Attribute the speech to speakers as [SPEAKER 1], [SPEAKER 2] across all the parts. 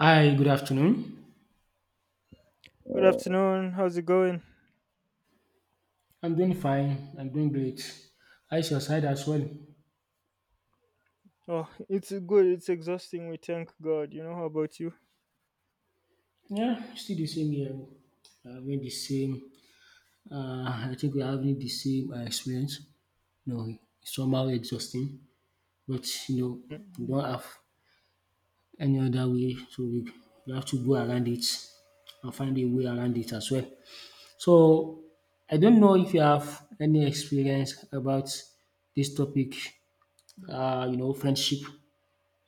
[SPEAKER 1] Hi, good afternoon.
[SPEAKER 2] Good afternoon. How's it going?
[SPEAKER 1] I'm doing fine. I'm doing great. How's your side as well?
[SPEAKER 2] Oh, it's good. It's exhausting. We thank God. You know, how about you?
[SPEAKER 1] Yeah, still the same here. Having the same. I think we're having the same experience. No, it's somehow exhausting, but you know, we
[SPEAKER 2] Mm.
[SPEAKER 1] don't have any other way, so we have to go around it and find a way around it as well. So, I don't know if you have any experience about this topic. Friendship.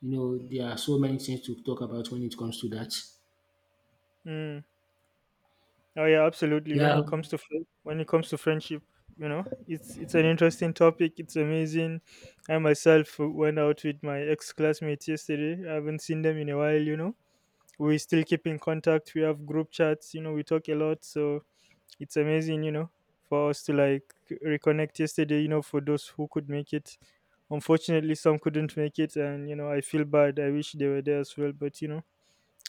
[SPEAKER 1] You know, there are so many things to talk about when it comes to that.
[SPEAKER 2] Mm. Oh yeah, absolutely. When
[SPEAKER 1] Yeah,
[SPEAKER 2] it comes to when it comes to friendship, you know, it's an interesting topic. It's amazing. I myself went out with my ex classmates yesterday. I haven't seen them in a while. You know, we still keep in contact. We have group chats. You know, we talk a lot. So it's amazing, you know, for us to like reconnect yesterday, you know, for those who could make it. Unfortunately, some couldn't make it, and you know, I feel bad. I wish they were there as well, but you know,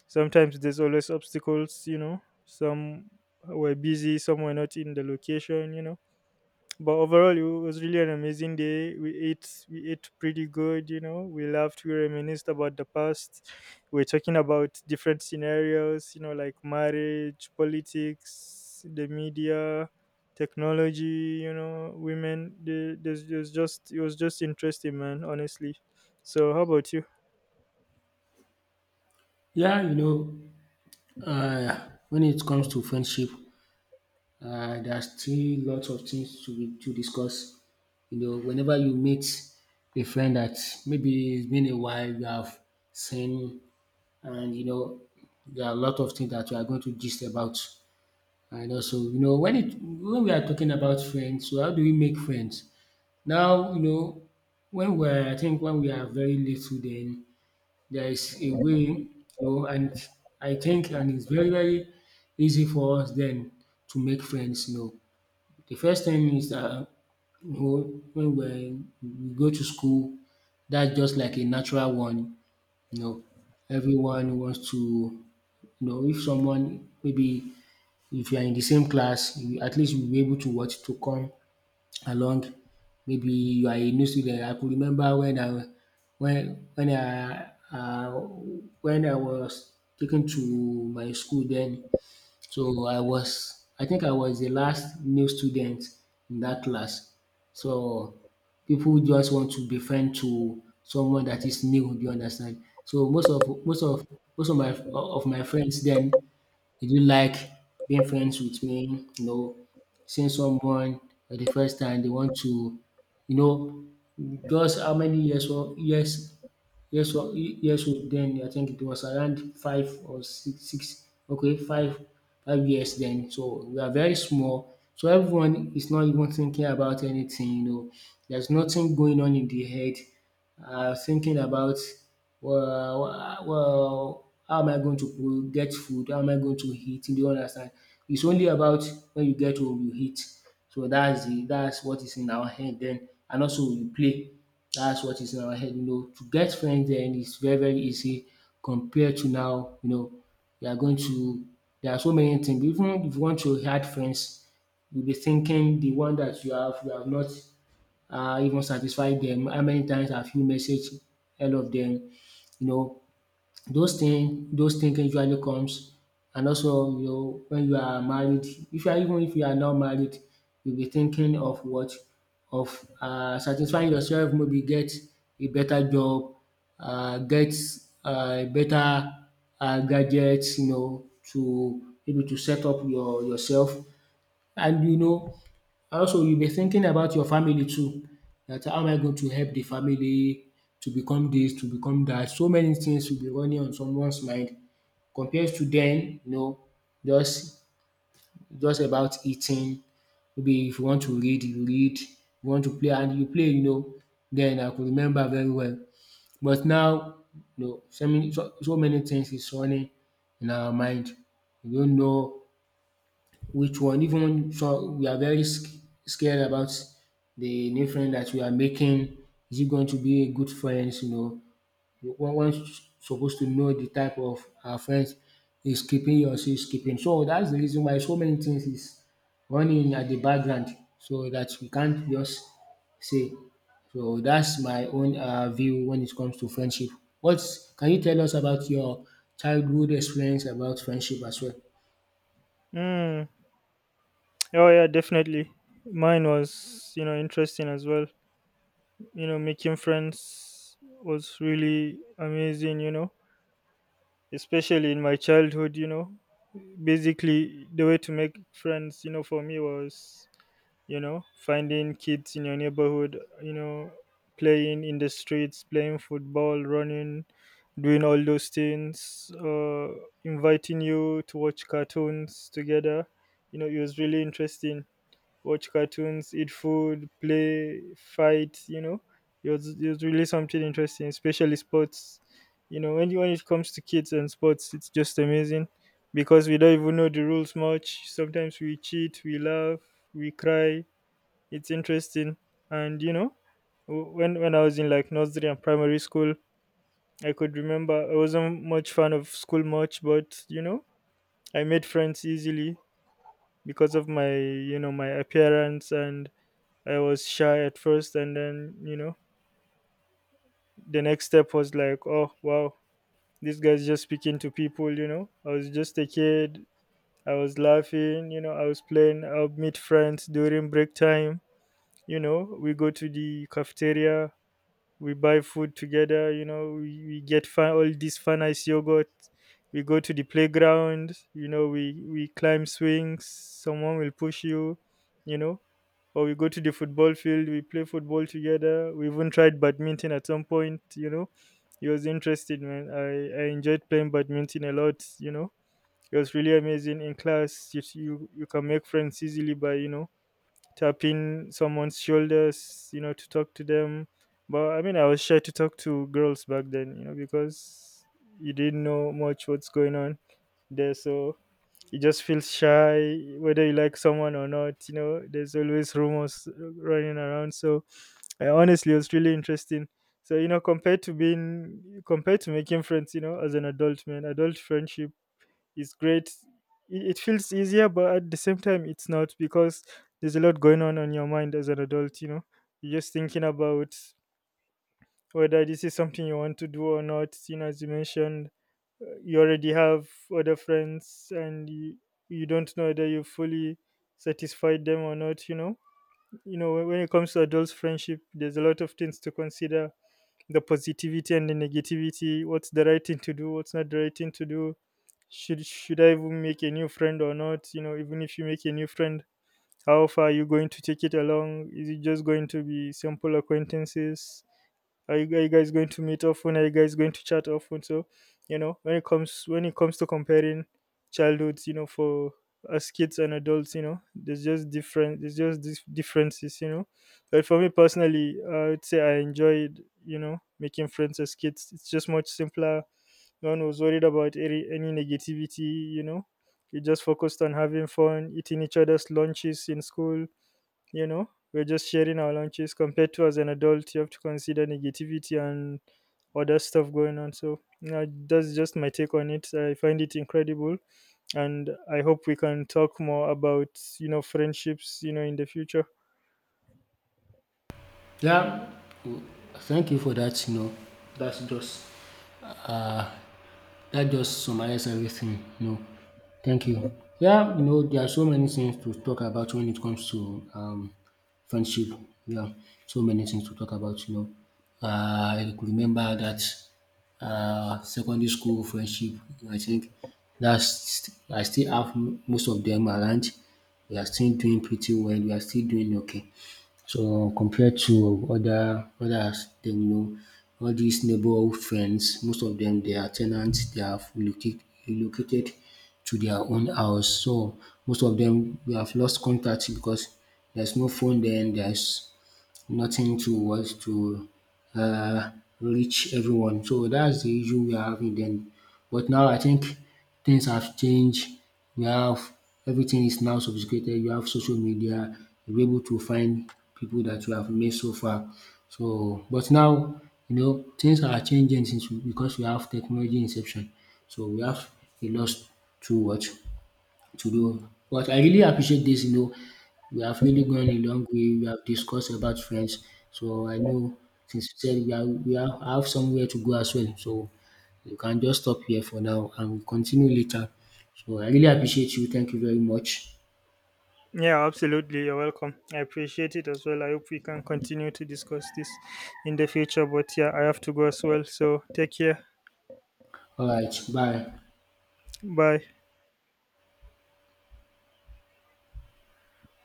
[SPEAKER 2] sometimes there's always obstacles, you know, some were busy, some were not in the location, you know, but overall it was really an amazing day. We ate pretty good, you know, we laughed, we reminisced about the past. We are talking about different scenarios, you know, like marriage, politics, the media, technology, you know, women, there's just it was just interesting, man, honestly. So how about you?
[SPEAKER 1] yeah, you know, when it comes to friendship, there are still lots of things to discuss. You know, whenever you meet a friend that maybe it's been a while you have seen, and you know, there are a lot of things that you are going to gist about. And also, you know, when we are talking about friends, so how do we make friends? Now, you know, when we're I think when we are very little, then there is a way, you know, and I think and it's very, very easy for us then to make friends, you know. The first thing is that you know, when we're, we go to school, that's just like a natural one, you know. Everyone wants to you know if someone maybe if you are in the same class, you at least you'll be able to watch to come along. Maybe you are a new student. I could remember when when I uh, when I was taken to my school then. So I was I think I was the last new student in that class. So people just want to be friend to someone that is new, do you understand? So most of my friends then did you like being friends with me? You know, seeing someone for the first time, they want to, you know, just how many years? Well, years old then I think it was around five or six, six, okay, five years then, so we are very small, so everyone is not even thinking about anything, you know, there's nothing going on in the head thinking about well, how am I going to get food, how am I going to eat? Do you understand? It's only about when you get home you eat. So that's what is in our head then, and also we play. That's what is in our head, you know. To get friends then is very, very easy compared to now, you know, you are going to there are so many things. Even if you want to add friends, you'll be thinking the one that you have not even satisfied them. How many times have you messaged all of them? You know, those thinking usually comes. And also you know when you are married, if you are, even if you are not married, you be thinking of what of satisfying yourself, maybe get a better job, get better gadgets, you know, to maybe to set up yourself. And you know, also, you'll be thinking about your family too, that how am I going to help the family to become this, to become that. So many things will be running on someone's mind compared to then, you know, just just about eating. Maybe if you want to read. You want to play and you play, you know. Then I could remember very well. But now, you know, so many things is running in our mind. We don't know which one, even so we are very scared about the new friend that we are making. Is it going to be a good friends? You know, one one's supposed to know the type of our friends is keeping yours is keeping. So that's the reason why so many things is running at the background, so that we can't just say. So that's my own view when it comes to friendship. What can you tell us about your childhood experience about friendship as well?
[SPEAKER 2] Mm. Oh yeah, definitely. Mine was, you know, interesting as well, you know. Making friends was really amazing, you know, especially in my childhood, you know. Basically, the way to make friends, you know, for me was, you know, finding kids in your neighborhood, you know, playing in the streets, playing football, running, doing all those things, inviting you to watch cartoons together. You know, it was really interesting. Watch cartoons, eat food, play, fight, you know. It was really something interesting, especially sports. You know, when, when it comes to kids and sports, it's just amazing because we don't even know the rules much. Sometimes we cheat, we laugh, we cry. It's interesting. And, you know, when I was in like nursery and primary school, I could remember I wasn't much fan of school much, but, you know, I made friends easily because of my, you know, my appearance. And I was shy at first, and then you know, the next step was like, oh wow, this guy's just speaking to people. You know, I was just a kid. I was laughing. You know, I was playing. I'll meet friends during break time. You know, we go to the cafeteria, we buy food together, you know, we get fun, all this fun ice yogurt. We go to the playground, you know, we climb swings, someone will push you, you know, or we go to the football field, we play football together. We even tried badminton at some point, you know, it was interesting, man. I enjoyed playing badminton a lot, you know, it was really amazing. In class you can make friends easily by, you know, tapping someone's shoulders, you know, to talk to them. But I mean, I was shy to talk to girls back then, you know, because you didn't know much what's going on there. So you just feel shy, whether you like someone or not, you know, there's always rumors running around. So I honestly, it was really interesting. So, you know, compared to being, compared to making friends, you know, as an adult man, adult friendship, it's great. It feels easier, but at the same time, it's not because there's a lot going on your mind as an adult. You know, you're just thinking about whether this is something you want to do or not. You know, as you mentioned, you already have other friends, and you don't know whether you fully satisfied them or not. You know when it comes to adults' friendship, there's a lot of things to consider, the positivity and the negativity, what's the right thing to do, what's not the right thing to do. Should I even make a new friend or not? You know, even if you make a new friend, how far are you going to take it along? Is it just going to be simple acquaintances? Are you guys going to meet often? Are you guys going to chat often? So, you know, when it comes to comparing childhoods, you know, for as kids and adults, you know, there's just these differences, you know. But for me personally, I would say I enjoyed, you know, making friends as kids. It's just much simpler. No one was worried about any negativity, you know. We just focused on having fun, eating each other's lunches in school, you know, we're just sharing our lunches compared to as an adult. You have to consider negativity and other stuff going on, so you, that's just my take on it. I find it incredible, and I hope we can talk more about, you know, friendships, you know, in the future.
[SPEAKER 1] Yeah, w- Thank you for that. You know, that's just uh, that just summarizes everything. You know, thank you. Yeah, you know, there are so many things to talk about when it comes to friendship. Yeah, so many things to talk about. You know, uh, I could remember that secondary school friendship. I think that's I still have most of them around. We are still doing pretty well. We are still doing okay. So compared to other others then, you know, all these neighbourhood friends, most of them they are tenants. They have relocated to their own house. So most of them we have lost contact because there's no phone then, there's nothing to what to uh, reach everyone. So that's the issue we are having then. But now I think things have changed. We have everything is now sophisticated. You have social media. You're able to find people that you have met so far. So, but now you know things are changing since because we have technology inception. So we have a lot to watch to do. But I really appreciate this, you know. We have really gone a long way. We have discussed about friends. So I know since you said we are have somewhere to go as well. So you can just stop here for now and we'll continue later. So I really appreciate you. Thank you very much.
[SPEAKER 2] Yeah, absolutely, you're welcome. I appreciate it as well. I hope we can continue to discuss this in the future, but yeah, I have to go as well, so take care.
[SPEAKER 1] All right, bye.
[SPEAKER 2] Bye.